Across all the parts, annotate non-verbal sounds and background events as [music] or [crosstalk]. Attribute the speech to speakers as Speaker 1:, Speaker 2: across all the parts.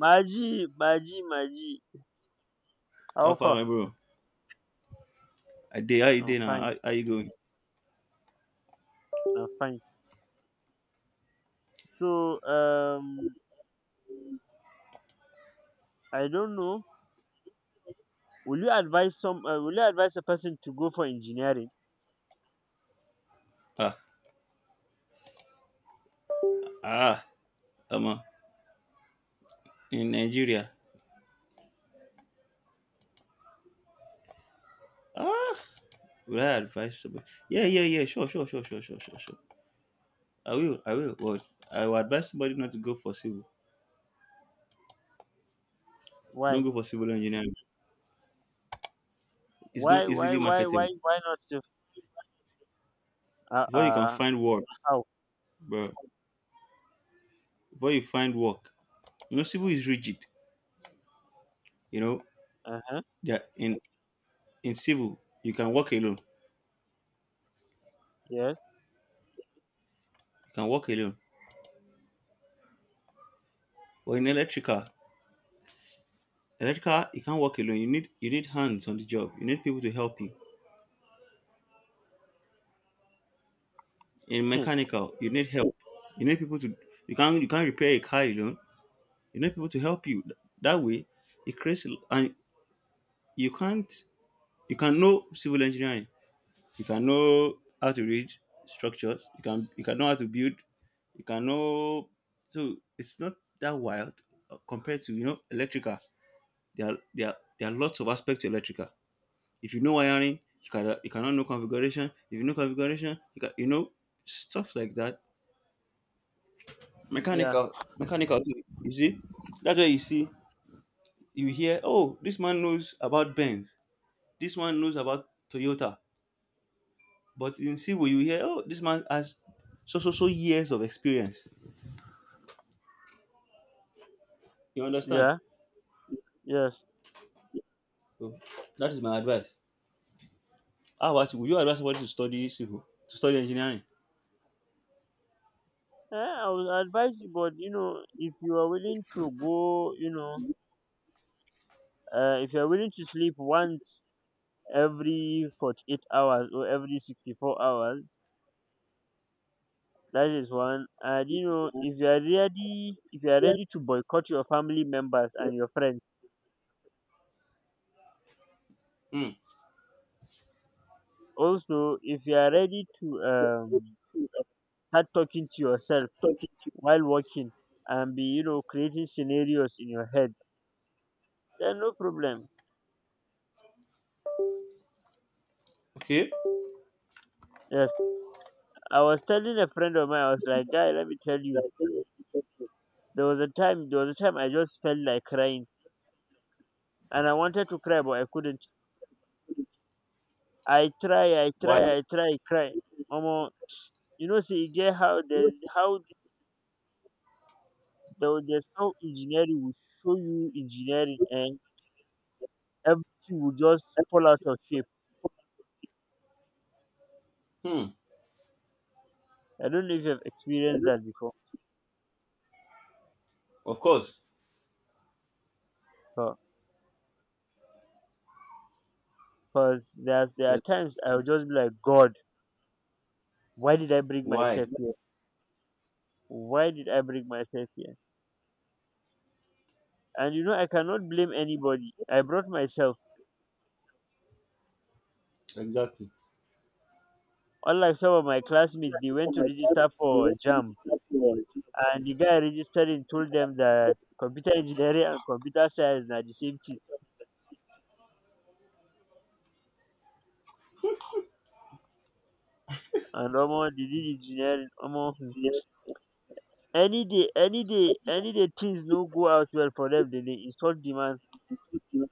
Speaker 1: Maji, Maji, Maji.
Speaker 2: How
Speaker 1: How
Speaker 2: far,
Speaker 1: far?
Speaker 2: my bro? I did. How you
Speaker 1: I'm
Speaker 2: day now?
Speaker 1: fine.
Speaker 2: How you going?
Speaker 1: I'm fine. So I don't know. Will you advise some? Will you advise a person to go for engineering?
Speaker 2: Ah, ah, I'm in Nigeria. Ah, would I advise somebody? Yeah. Sure. I will. What? I will advise somebody not to go for civil. Don't
Speaker 1: Why?
Speaker 2: go for civil engineering. It's not
Speaker 1: Why? Why?
Speaker 2: easily
Speaker 1: Why?
Speaker 2: marketable.
Speaker 1: Why? Why not? Just
Speaker 2: Before you can
Speaker 1: uh.
Speaker 2: find work,
Speaker 1: How?
Speaker 2: bro. Before you find work, you know, civil is rigid. You know,
Speaker 1: Uh huh.
Speaker 2: yeah. In civil, you can work alone.
Speaker 1: Yes.
Speaker 2: You can work alone. But in electrical, electrical, you can't work alone. You need hands on the job. You need people to help you. In
Speaker 1: [laughs]
Speaker 2: mechanical, you need help. You need people to. You can't repair a car alone. You need people to help you. That way, it creates and you can't. You can know civil engineering. You can know how to read structures. You can know how to build. You can know, so it's not that wild compared to, you know, electrical. There are lots of aspects to electrical. If you know wiring, you cannot know configuration. If you know configuration, you can, you know, stuff like that.
Speaker 1: Yeah.
Speaker 2: Mechanical, too, you see, that's why you see, you hear, oh, this man knows about Benz, this one knows about Toyota, but in civil you hear, oh, this man has so so so years of experience, you understand.
Speaker 1: Yeah. Yes.
Speaker 2: So that is my advice. How about you, would you advise somebody to study civil, to study engineering?
Speaker 1: Eh, I would advise you, but if you are willing to go, if you are willing to sleep once every 48 hours or every 64 hours. That is one. And if you are ready, to boycott your family members and your friends,
Speaker 2: Hmm.
Speaker 1: also if you are ready to start talking to yourself while working and be creating scenarios in your head, then no problem.
Speaker 2: Okay.
Speaker 1: Yes, I was telling a friend of mine, I was like, guy, let me tell you, there was a time I just felt like crying, and I wanted to cry, but I couldn't.
Speaker 2: Why?
Speaker 1: I try, cry. Almost, see, you get how there's no engineering will show you engineering and everything will just fall out of shape.
Speaker 2: Hmm.
Speaker 1: I don't know if you've experienced that before.
Speaker 2: Of course.
Speaker 1: Because there are
Speaker 2: Yes.
Speaker 1: times I will just be like, God, why did I bring
Speaker 2: Why?
Speaker 1: myself here? Why did I bring myself here? And I cannot blame anybody. I brought myself.
Speaker 2: Exactly.
Speaker 1: Unlike some of my classmates, they went to register for JAM, and the guy registering told them that computer engineering and computer science are the same thing. And almost they did engineering, almost. Any day, any day, any day things no go out well for them, dem dey insult the man.
Speaker 2: You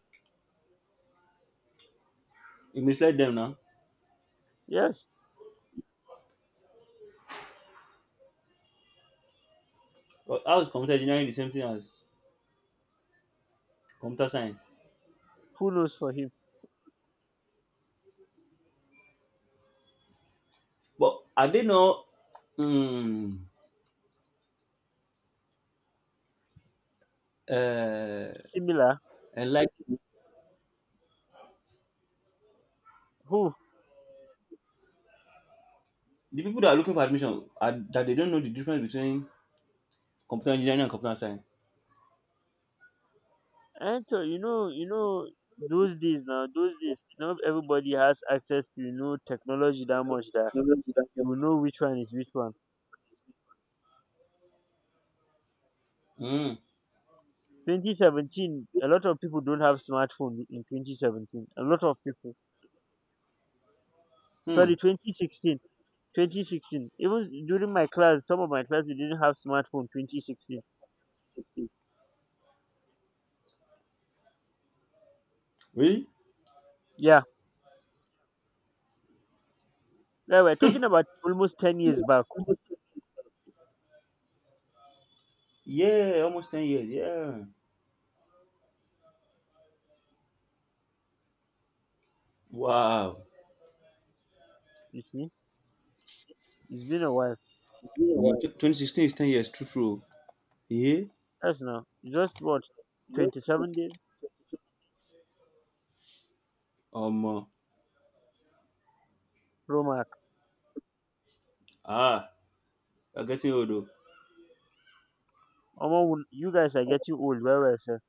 Speaker 2: misled them now.
Speaker 1: Yes,
Speaker 2: But how is computer engineering the same thing as computer science?
Speaker 1: who knows for him?
Speaker 2: But are they not mm, uh,
Speaker 1: Similar,
Speaker 2: enlightened?
Speaker 1: who?
Speaker 2: The people that are looking for admission, are that they don't know the difference between computer engineering and computer science?
Speaker 1: And to you know those days now, those days not everybody has access to technology that much that you will know which one is which one.
Speaker 2: Mm.
Speaker 1: 2017, a lot of people don't have smartphone in 2017. A lot of people.
Speaker 2: Hmm.
Speaker 1: Sorry, 2016. 2016, even during my class, some of my class we didn't have smartphone 2016.
Speaker 2: Really?
Speaker 1: Yeah, yeah, we're talking about almost 10 years back.
Speaker 2: Yeah, almost 10 years. Yeah. Wow.
Speaker 1: You see, it's been a while.
Speaker 2: Mm, 2016 is 10 years. True, true. Yeah.
Speaker 1: That's now. It's just what, 27 days?
Speaker 2: Um. uh,
Speaker 1: Bro, Mark.
Speaker 2: ah, you're getting old. Though.
Speaker 1: Omo, you guys are getting old. Where were sir?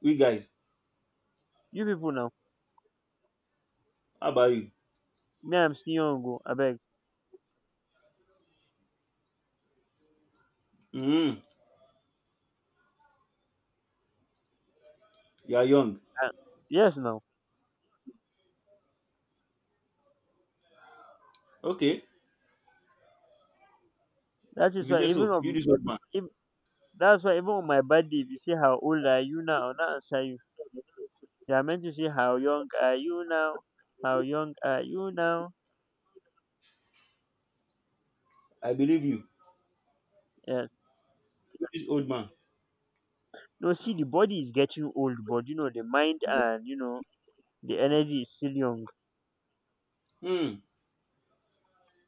Speaker 2: We guys,
Speaker 1: You people now.
Speaker 2: how about you?
Speaker 1: Me, I'm still young. Go, I beg.
Speaker 2: Mm. You are young.
Speaker 1: Uh, yes, now.
Speaker 2: Okay.
Speaker 1: That
Speaker 2: If
Speaker 1: is
Speaker 2: you
Speaker 1: why
Speaker 2: say
Speaker 1: even
Speaker 2: so, you
Speaker 1: on
Speaker 2: this old man.
Speaker 1: if that's why even on my birthday, if you say how old are you now, I'll not answer you. You are meant to say how young are you now? How young are you now?
Speaker 2: I believe you.
Speaker 1: Yes.
Speaker 2: This old man.
Speaker 1: No, see, the body is getting old, but the mind and the energy is still young.
Speaker 2: Hmm.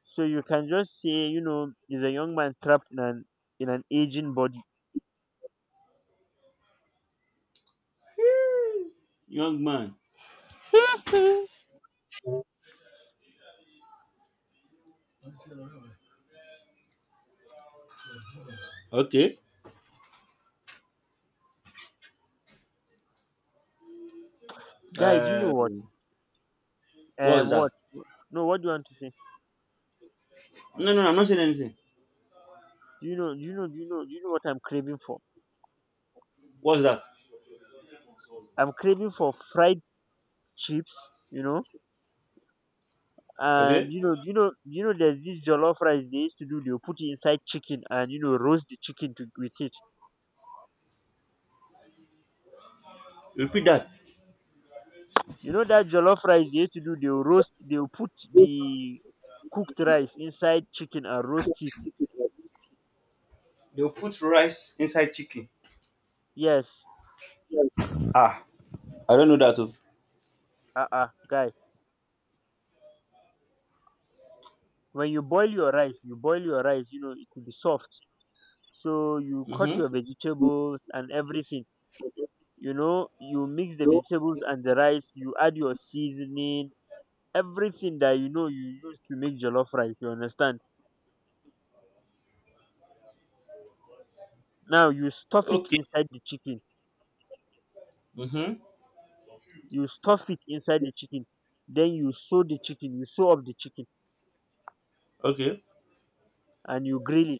Speaker 1: So you can just say, is a young man trapped in an aging body.
Speaker 2: Young man.
Speaker 1: [laughs]
Speaker 2: Okay.
Speaker 1: Guy, do you know
Speaker 2: Uh.
Speaker 1: what?
Speaker 2: What was that?
Speaker 1: What? No, what do you want to say?
Speaker 2: No, I'm not saying anything.
Speaker 1: Do you know what I'm craving for?
Speaker 2: What's that?
Speaker 1: I'm craving for fried chips. You know, and
Speaker 2: Okay.
Speaker 1: you know, there's this jollof rice they used to do. They'll put it inside chicken and roast the chicken to with it.
Speaker 2: Repeat that.
Speaker 1: You know that jollof rice they used to do. They'll roast. They'll put the cooked rice inside chicken and roast it.
Speaker 2: They'll put rice inside chicken.
Speaker 1: Yes.
Speaker 2: Ah, I don't know that.
Speaker 1: Guy. When you boil your rice, it will be soft. So you cut
Speaker 2: Mm-hmm.
Speaker 1: your vegetables and everything, you mix the vegetables and the rice, you add your seasoning, everything that you use to make jollof rice, you understand. Now you stuff it
Speaker 2: Okay.
Speaker 1: inside the chicken.
Speaker 2: Mm-hmm.
Speaker 1: You stuff it inside the chicken then you sew the chicken you sew up the chicken,
Speaker 2: Okay.
Speaker 1: and you grill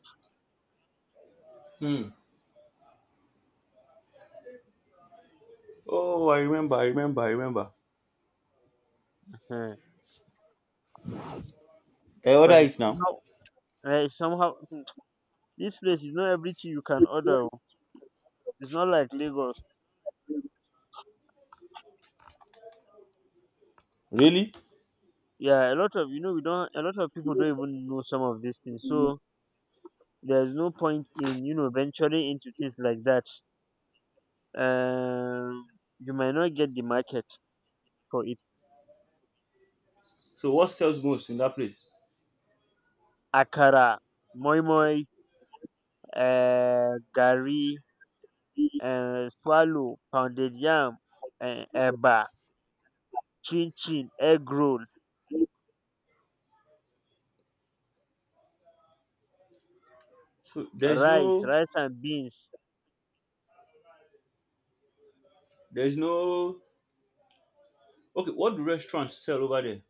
Speaker 2: Hmm. Oh, I remember. I remember.
Speaker 1: it
Speaker 2: I order
Speaker 1: because it's
Speaker 2: it now.
Speaker 1: somehow, it's somehow. [tsk] This place is not everything you can order oh. It's not like Lagos.
Speaker 2: Really?
Speaker 1: Yeah, a lot of people don't even know some of these things, so there's no point in venturing into things like that. um you might not get the market for it.
Speaker 2: So what sells most in that place?
Speaker 1: Akara, moi moi, gari, swallow, pounded yam, eba, chin chin, egg roll,
Speaker 2: So there's
Speaker 1: rice,
Speaker 2: no,
Speaker 1: rice and beans.
Speaker 2: there's no. Okay, what do restaurants sell over there?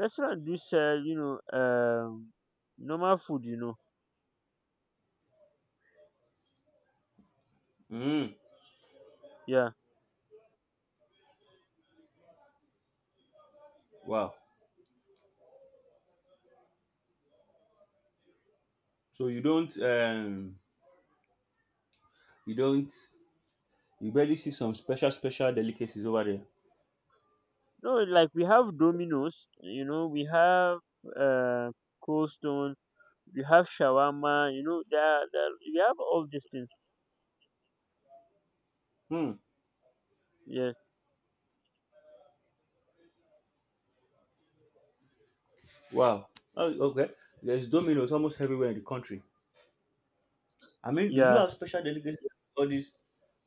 Speaker 1: Restaurant do sell, normal food,
Speaker 2: Mm.
Speaker 1: yeah.
Speaker 2: Wow. So you don't um You don't, you barely see some special special delicacies over there.
Speaker 1: No, like we have Domino's, you know, we have uh Cold Stone, we have shawarma, you know, there we have all these things.
Speaker 2: Hmm.
Speaker 1: Yes,
Speaker 2: Wow. Oh, okay. There's Domino's almost everywhere in the country. I mean, do you
Speaker 1: yeah,
Speaker 2: have special delicacies, like all this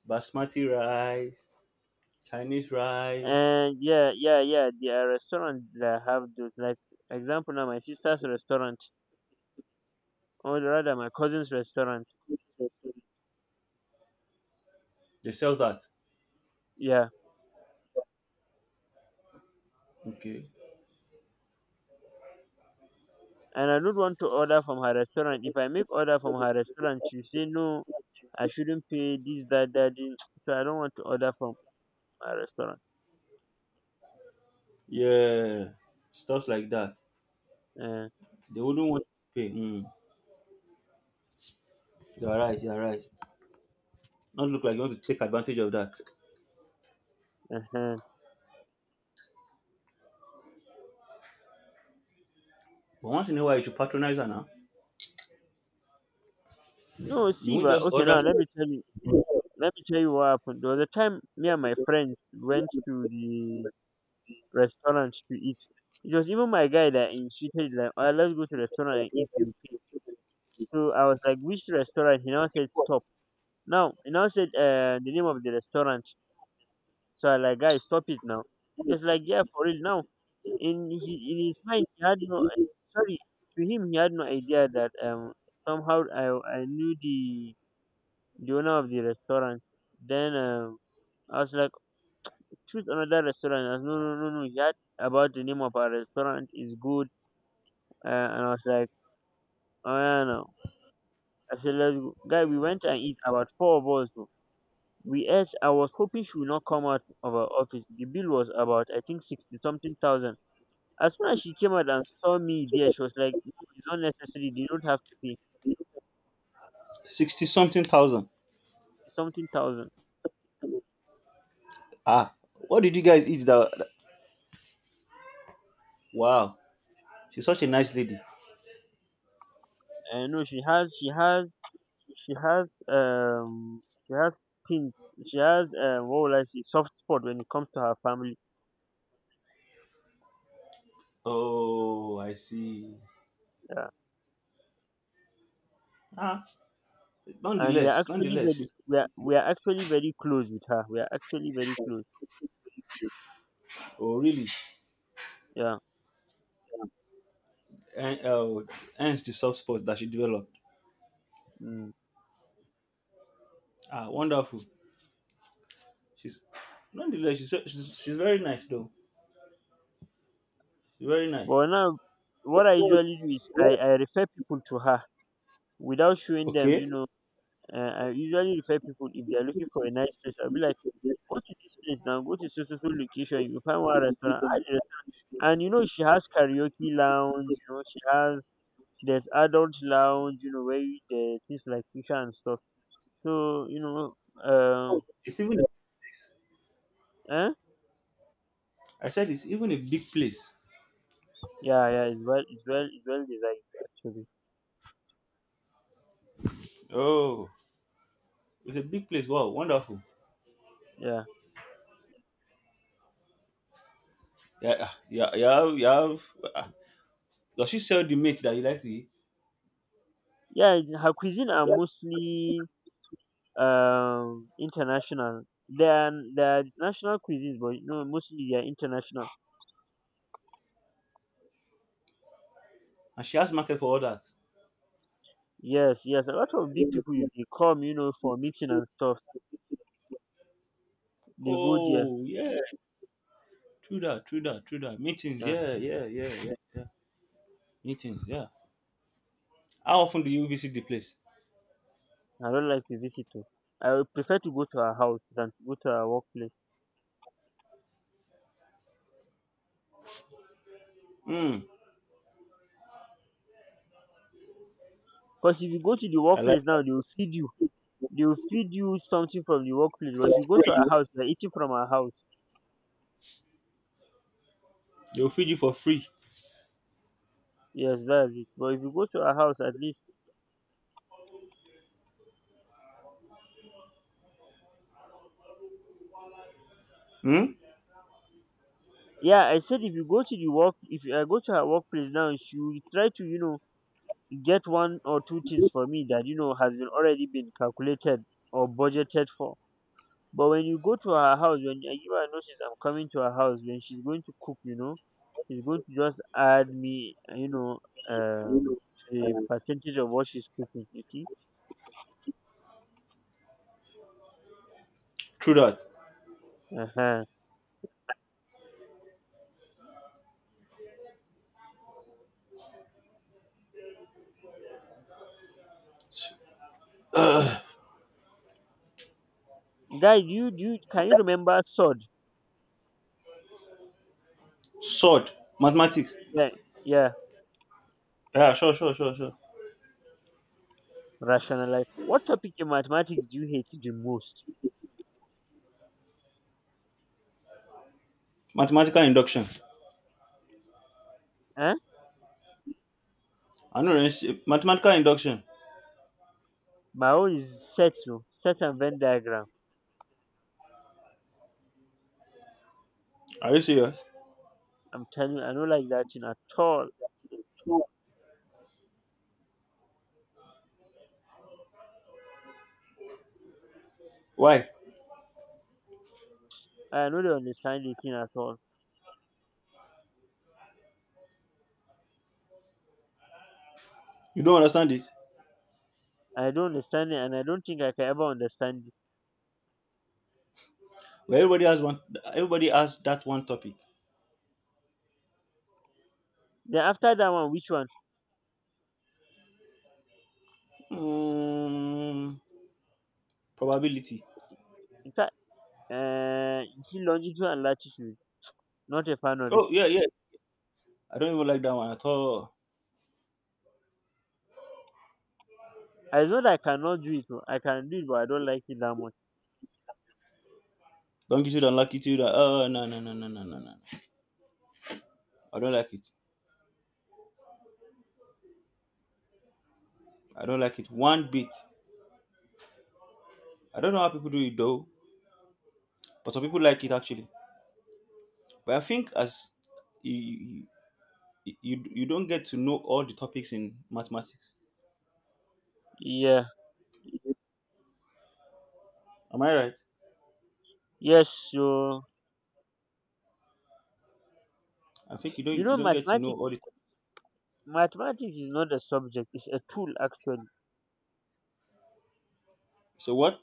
Speaker 2: basmati rice, Chinese rice?
Speaker 1: and yeah, yeah, yeah. There are restaurants that have those. Like example, now my sister's restaurant, or rather my cousin's restaurant.
Speaker 2: They sell that.
Speaker 1: Yeah,
Speaker 2: Okay.
Speaker 1: and I don't want to order from her restaurant. If I make order from her restaurant, she say no, I shouldn't pay this, that, that. This." So I don't want to order from her restaurant.
Speaker 2: Yeah. Stuff like that.
Speaker 1: Uh,
Speaker 2: They wouldn't want to pay. Hmm. You're right. Not look like you want to take advantage of that.
Speaker 1: uh-huh.
Speaker 2: But once in a while, you should patronize her now.
Speaker 1: No,
Speaker 2: You
Speaker 1: see,
Speaker 2: won't
Speaker 1: but
Speaker 2: just
Speaker 1: okay,
Speaker 2: order
Speaker 1: now let me tell you. Let me tell you what happened. There was a time me and my friends went to the restaurant to eat. It was even my guy that insisted, like, oh, let's go to restaurant and eat. You pay." So I was like, which restaurant? He now said, stop. Now, he now said the name of the restaurant. So I like, guys, stop it now. He was like, yeah, for real. Now, in his mind, he had no, sorry, to him, he had no idea that somehow I knew the owner of the restaurant. Then I was like, choose another restaurant. I was, no, no, no, no. That about the name of our restaurant is good. And I was like, oh yeah, no. I said, let's go. Guy, we went and eat about four of us. Though. We ate. I was hoping she would not come out of our office. The bill was about, I think, 60 something thousand. As soon as she came out and saw me there, she was like, no, it's not necessary. They don't have to pay.
Speaker 2: 60 something [laughs] thousand.
Speaker 1: Something thousand.
Speaker 2: Ah, what did you guys eat? Wow, she's such a nice lady.
Speaker 1: And no, she has, she has She has she has skin she has what will I say soft spot when it comes to her family.
Speaker 2: Oh, I see.
Speaker 1: Yeah.
Speaker 2: Ah,
Speaker 1: And
Speaker 2: nonetheless, she's
Speaker 1: we are actually very close with her. We are actually very close.
Speaker 2: oh really?
Speaker 1: Yeah.
Speaker 2: And hence the soft spot that she developed.
Speaker 1: Mm.
Speaker 2: Ah, wonderful. She's she's very nice though. She's very nice.
Speaker 1: But now what I usually do is I refer people to her without showing them,
Speaker 2: Okay.
Speaker 1: you know. I usually refer people if they are looking for a nice place. I'll be like, go to this place now, go to so so so location, you will find one restaurant. The restaurant." And she has karaoke lounge, she has there's adult lounge, there's things like shisha and stuff. So
Speaker 2: Oh,
Speaker 1: um,
Speaker 2: it's even a place.
Speaker 1: eh?
Speaker 2: I said it's even a big place.
Speaker 1: Yeah, yeah, it's well designed actually.
Speaker 2: Oh, it's a big place. Wow, wonderful.
Speaker 1: Yeah,
Speaker 2: Yeah. You have. You have- ah, does she sell the meat that you like to eat?
Speaker 1: yeah. Her cuisine are mostly international. They are national cuisines, but mostly they are international.
Speaker 2: And she has market for all that.
Speaker 1: Yes, yes. A lot of big people, if they come, for meeting and stuff, they go there.
Speaker 2: Oh, yeah, true that. Meetings,
Speaker 1: Yeah,
Speaker 2: yeah, yeah, yeah, yeah, yeah. Meetings, yeah. How often do you visit the place?
Speaker 1: I don't like to visit to. I would prefer to go to her house than to go to her workplace.
Speaker 2: Hmm,
Speaker 1: Because if you go to the
Speaker 2: I like
Speaker 1: workplace now, they
Speaker 2: that.
Speaker 1: will feed you. They will feed you something from the workplace, but if you go to our house, they're eating from our house.
Speaker 2: They'll feed you for free.
Speaker 1: Yes, that's it. But if you go to our house, at least,
Speaker 2: Hmm,
Speaker 1: yeah, I said if you go to the work, if I go to her workplace now, she will try to, get one or two things for me that has been already been calculated or budgeted for. But when you go to her house, when I give her notice, I'm coming to her house. When she's going to cook, she's going to just add me, to the percentage of what she's cooking. You see,
Speaker 2: true that. [clears throat]
Speaker 1: uh-huh.
Speaker 2: Uh,
Speaker 1: Guy, can you remember sod?
Speaker 2: sword, mathematics.
Speaker 1: Yeah, yeah.
Speaker 2: Yeah, sure.
Speaker 1: Rationalize. What topic in mathematics do you hate the most?
Speaker 2: Mathematical induction.
Speaker 1: Huh?
Speaker 2: Mathematical induction.
Speaker 1: My own is set, no set and Venn diagram.
Speaker 2: Are you serious?
Speaker 1: I'm telling you, I don't like that thing at all.
Speaker 2: Why?
Speaker 1: I don't understand the thing at all.
Speaker 2: You don't understand it?
Speaker 1: I don't understand it, and I don't think I can ever understand it.
Speaker 2: Well, everybody has one. Everybody has that one topic.
Speaker 1: Then after that one, which one?
Speaker 2: Hmm, probability.
Speaker 1: In fact, you see longitude and latitude. Not a fan of it.
Speaker 2: Oh yeah, yeah. I don't even like that one at all.
Speaker 1: I know that I cannot do it. Oh, I can do it, but I don't like it that much.
Speaker 2: Longitude and latitude. Oh no. I don't like it. I don't like it one bit. I don't know how people do it though, but some people like it actually. But I think as you you, you don't get to know all the topics in mathematics.
Speaker 1: Yeah.
Speaker 2: Am I right?
Speaker 1: Yes. So
Speaker 2: I think you don't, you don't get to know
Speaker 1: mathematics.
Speaker 2: all the topics.
Speaker 1: Mathematics is not a subject, it's a tool actually.
Speaker 2: So what?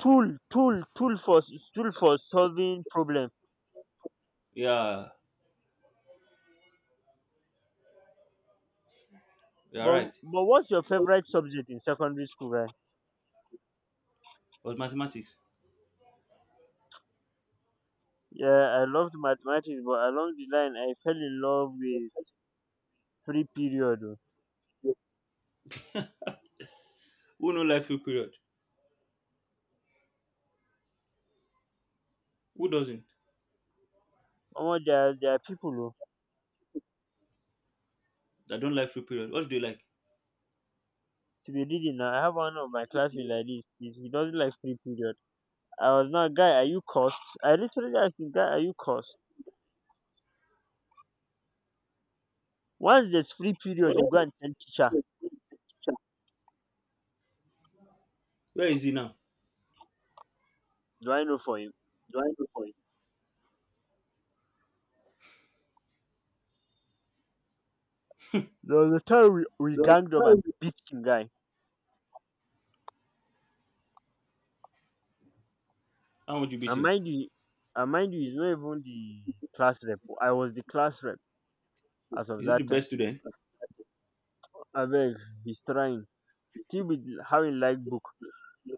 Speaker 1: Tool for solving problem.
Speaker 2: Yeah, you are right.
Speaker 1: But what's your favorite subject in secondary school, right?
Speaker 2: But mathematics.
Speaker 1: Yeah, I loved mathematics, but along the line I fell in love with free period.
Speaker 2: Who don't like free period? Who doesn't?
Speaker 1: Oh. Omo, there are people oh,
Speaker 2: I don't like free period. What do you like?
Speaker 1: to be reading now. I have one of my classmates like this. He doesn't like free period. I was now, guy, are you cursed? I literally asked him, guy, are you cursed? Once there's free period,
Speaker 2: What?
Speaker 1: you go and tell teacher.
Speaker 2: Where is he now?
Speaker 1: Do I know for him? There was a time we ganged up and beat the guy.
Speaker 2: How would you beat
Speaker 1: And
Speaker 2: him?
Speaker 1: mind you, and mind you, he's not even the class rep. I was the class rep
Speaker 2: Is
Speaker 1: as of
Speaker 2: he the
Speaker 1: that time.
Speaker 2: best student?
Speaker 1: I beg, he's trying. Still with how he like book.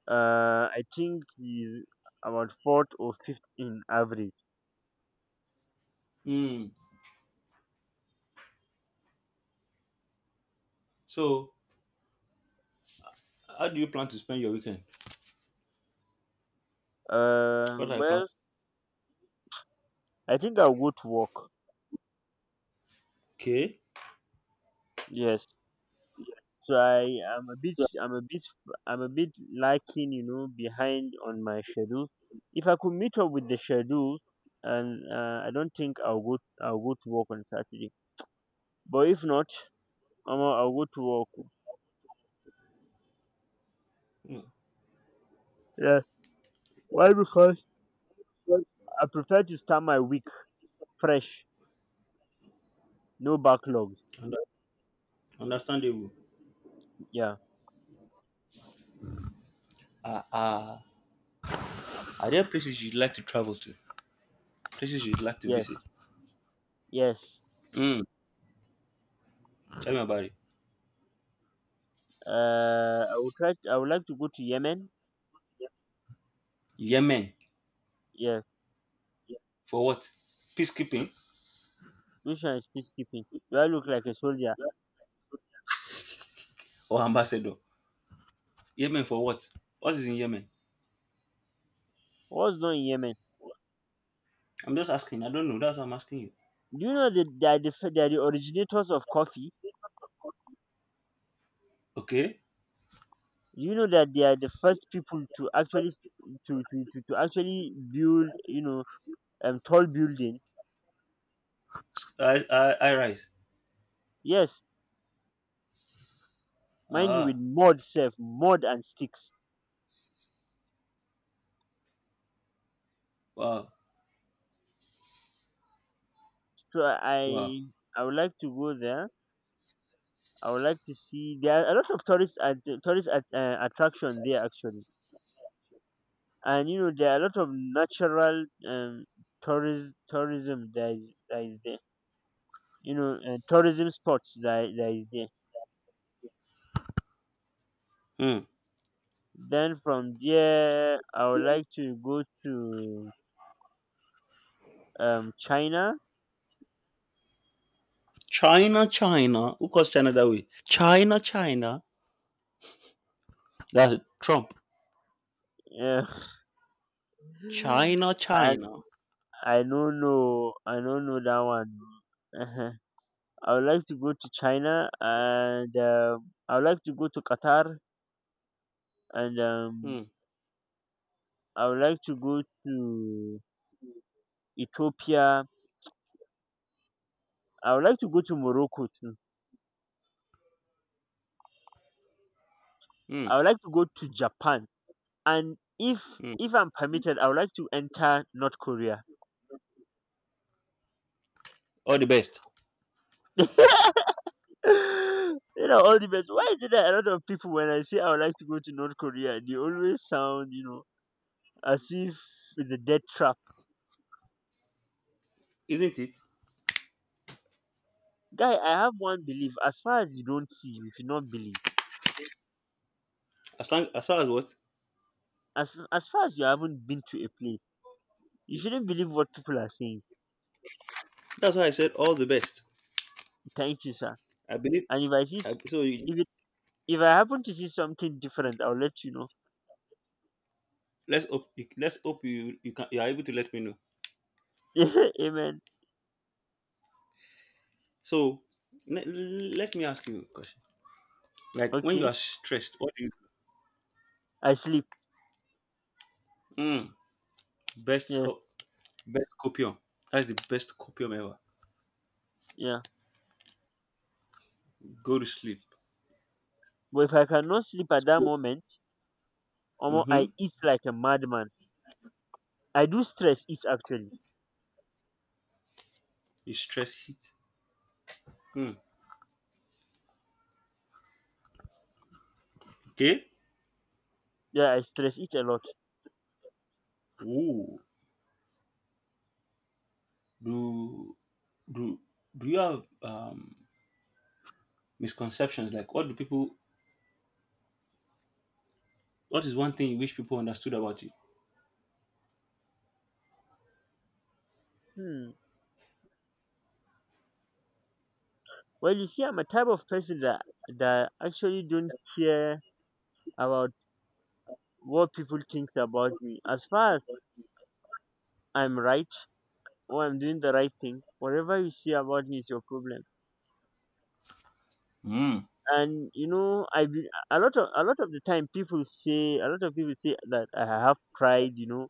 Speaker 1: I think he's about fourth or fifth in average.
Speaker 2: Hmm. So, how do you plan to spend your weekend?
Speaker 1: Uh,
Speaker 2: What are you plan?
Speaker 1: well, I think I'll go to work.
Speaker 2: Okay.
Speaker 1: Yes. So I am a bit I'm a bit I'm a bit lacking, behind on my schedule. If I could meet up with the schedule, and I don't think I'll go to work on Saturday. But if not, I'll go to work.
Speaker 2: Mm,
Speaker 1: Yeah. Why? Because I prefer to start my week fresh, no backlogs.
Speaker 2: under- understandable.
Speaker 1: Yeah.
Speaker 2: Uh, uh, are there places you'd like to travel to? Places you'd like to
Speaker 1: Yes.
Speaker 2: visit?
Speaker 1: Yes.
Speaker 2: Mm. Tell me about it.
Speaker 1: I would try. I would like to go to Yemen.
Speaker 2: Yemen
Speaker 1: Yeah.
Speaker 2: for what? Peacekeeping
Speaker 1: Which one is peacekeeping? Do I look like a soldier?
Speaker 2: or ambassador? Yemen for what? What is in Yemen?
Speaker 1: What's not in Yemen?
Speaker 2: I'm just asking. I don't know. That's what I'm asking you.
Speaker 1: Do you know that they are they are the originators of coffee?
Speaker 2: Okay.
Speaker 1: Do you know that they are the first people to actually build tall building?
Speaker 2: I rise.
Speaker 1: Yes, mind you, with
Speaker 2: Ah.
Speaker 1: mud self, mud and sticks.
Speaker 2: Wow.
Speaker 1: So
Speaker 2: Wow.
Speaker 1: I I would like to go there. I would like to see there are a lot of tourist at, attraction there actually, and you know there are a lot of natural tourism that is there. You know tourism spots that is there.
Speaker 2: Hmm.
Speaker 1: Then from there, I would like to go to China.
Speaker 2: China, China. Who calls China that way? China, China. That's Trump.
Speaker 1: Yeah,
Speaker 2: China,
Speaker 1: [laughs] I
Speaker 2: China.
Speaker 1: I don't know, I don't know that one. Uh huh. I would like to go to China and I would like to go to Qatar and
Speaker 2: Mm,
Speaker 1: I would like to go to Ethiopia. I would like to go to Morocco too.
Speaker 2: mm,
Speaker 1: I would like to go to Japan and
Speaker 2: mm.
Speaker 1: if I'm permitted, I would like to enter North Korea.
Speaker 2: All the best,
Speaker 1: [laughs] You know, all the best. Why is it that a lot of people, when I say I would like to go to North Korea, they always sound, you know, as if it's a death trap.
Speaker 2: isn't it?
Speaker 1: Guy, I have one belief. As far as you don't see, you should not believe.
Speaker 2: As long as far as what?
Speaker 1: As far as you haven't been to a place, you shouldn't believe what people are saying.
Speaker 2: That's why I said all the best.
Speaker 1: Thank you, sir.
Speaker 2: I believe.
Speaker 1: And
Speaker 2: So you,
Speaker 1: if it, if I happen to see something different, I'll let you know.
Speaker 2: let's hope. You, let's hope you, you can, you are able to let me know.
Speaker 1: [laughs] Amen.
Speaker 2: So let me ask you a question. Like when you
Speaker 1: Okay.
Speaker 2: are stressed, what do you do?
Speaker 1: I sleep.
Speaker 2: Mm, best
Speaker 1: Yes.
Speaker 2: co- best copium. That's the best copium ever.
Speaker 1: Yeah.
Speaker 2: Go to sleep.
Speaker 1: But if I cannot sleep at that
Speaker 2: So
Speaker 1: moment, omo,
Speaker 2: mm-hmm.
Speaker 1: I eat like a madman. I do stress eat actually.
Speaker 2: You stress hit. Mm, okay.
Speaker 1: Yeah, I stress eat a lot.
Speaker 2: Ooh. do do do you have misconceptions? Like, what do people? What is one thing you wish people understood about you?
Speaker 1: Hmm. Well, you see, I'm a type of person that actually don't care about what people think about me. As far as I'm right or I'm doing the right thing, whatever you say about me is your problem.
Speaker 2: Mm.
Speaker 1: And you know, a lot of the time people say a lot of people say that I have pride. You know,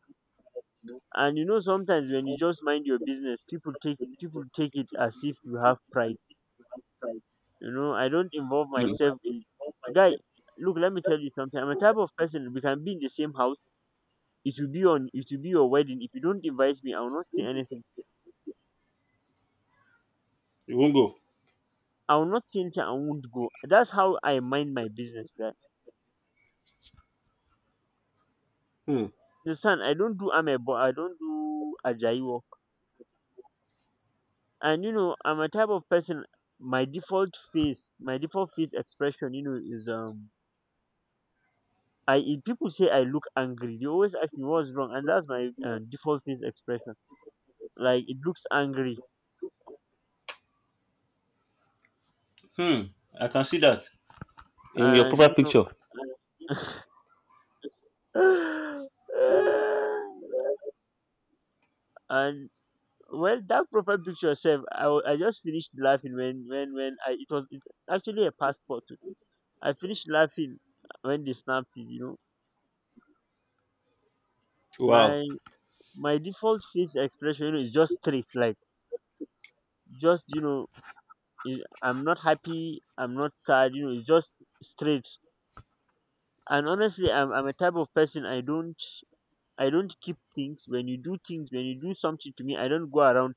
Speaker 1: and you know sometimes when you just mind your business, people take it as if you have pride. You know, I don't involve
Speaker 2: Hmm.
Speaker 1: myself in guy. Look, let me tell you something. I'm a type of person we can be in the same house. It will be your wedding. If you don't invite me, I will not see anything. I will not see anything, I won't go. That's how I mind my business, guy. The son, I don't do amebo, I don't do ajayi work. And you know, I'm a type of person my default face expression, is I if people say I look angry, they always ask me what's wrong, and that's my default face expression. Like it looks angry,
Speaker 2: Hmm. I can see that in your
Speaker 1: and
Speaker 2: profile
Speaker 1: you know
Speaker 2: picture.
Speaker 1: [sighs] and well that profile picture itself I just finished laughing when I actually a passport. I finished laughing when they snapped it,
Speaker 2: Wow.
Speaker 1: my my default face expression, is just straight, like just, i- I'm not happy, I'm not sad, you know it's just straight. And honestly, I'm a type of person, I don't keep things. When you do something to me, I don't go around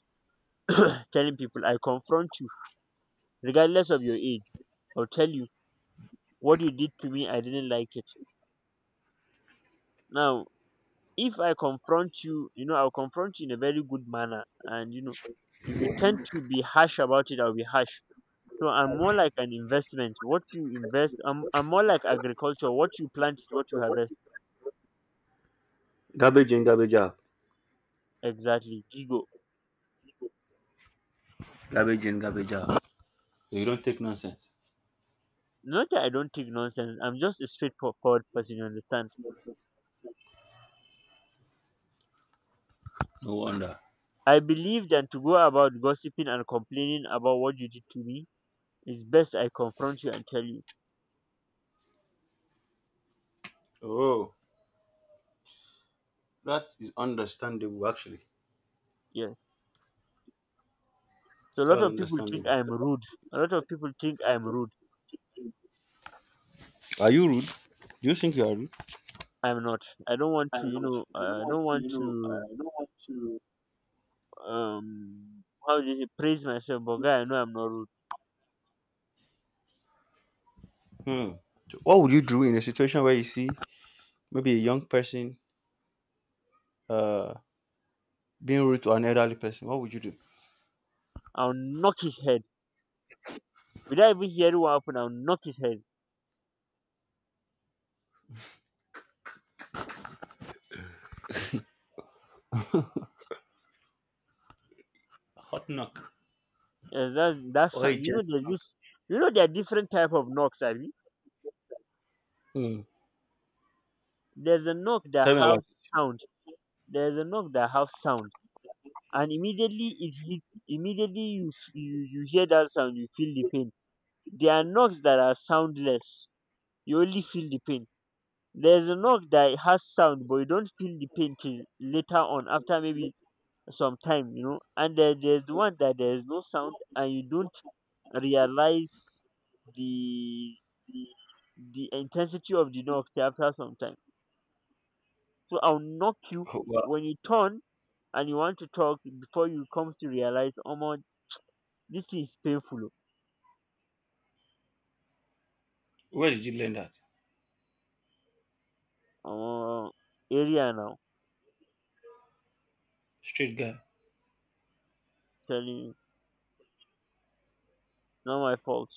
Speaker 1: telling people. I confront you regardless of your age. I'll tell you what you did to me, I didn't like it. Now, if I confront you, you know, I'll confront you in a very good manner. And you know, if you tend to be harsh about it, I'll be harsh. So I'm more like an investment. What you invest I'm more like agriculture. What you plant is what you harvest.
Speaker 2: Garbage in, garbage out.
Speaker 1: Exactly, gigo.
Speaker 2: Garbage in, garbage out. So you don't take nonsense.
Speaker 1: Not that I don't take nonsense, I'm just a straightforward person, you understand.
Speaker 2: No wonder.
Speaker 1: I believe than to go about gossiping and complaining about what you did to me, it's best I confront you and tell you.
Speaker 2: Oh, that is understandable. Actually,
Speaker 1: Yes. So a
Speaker 2: that
Speaker 1: lot
Speaker 2: was
Speaker 1: of people think
Speaker 2: understandable.
Speaker 1: I'm rude. A lot of people think I'm rude.
Speaker 2: Are you rude? Do you think you are rude?
Speaker 1: I'm not. I don't want to, I don't want to, how do you say, praise myself, but guy, I know I'm not rude.
Speaker 2: Hmm. What would you do in a situation where you see maybe a young person uh being rude to an elderly person, what would you do?
Speaker 1: I'll knock his head. Without even hearing what happened, I'll knock his head.
Speaker 2: A hot knock or a
Speaker 1: You
Speaker 2: gentle
Speaker 1: know,
Speaker 2: knock?
Speaker 1: you know, there are different type of knocks, I mean.
Speaker 2: Hmm.
Speaker 1: There's a knock that
Speaker 2: Tell me about
Speaker 1: have
Speaker 2: it.
Speaker 1: sound. There's a knock that have sound. And immediately you hear that sound, you feel the pain. There are knocks that are soundless. You only feel the pain. There's a knock that has sound, but you don't feel the pain till later on, after maybe some time, you know. And there's the one that there's no sound, and you don't realize the the intensity of the knock till after some time. So I'll knock you
Speaker 2: Oh, wow.
Speaker 1: when you turn and you want to talk before you come to realize, oh my, this is painful.
Speaker 2: Where did you learn that?
Speaker 1: Uh, Area now,
Speaker 2: Straight guy.
Speaker 1: telling you, not my fault.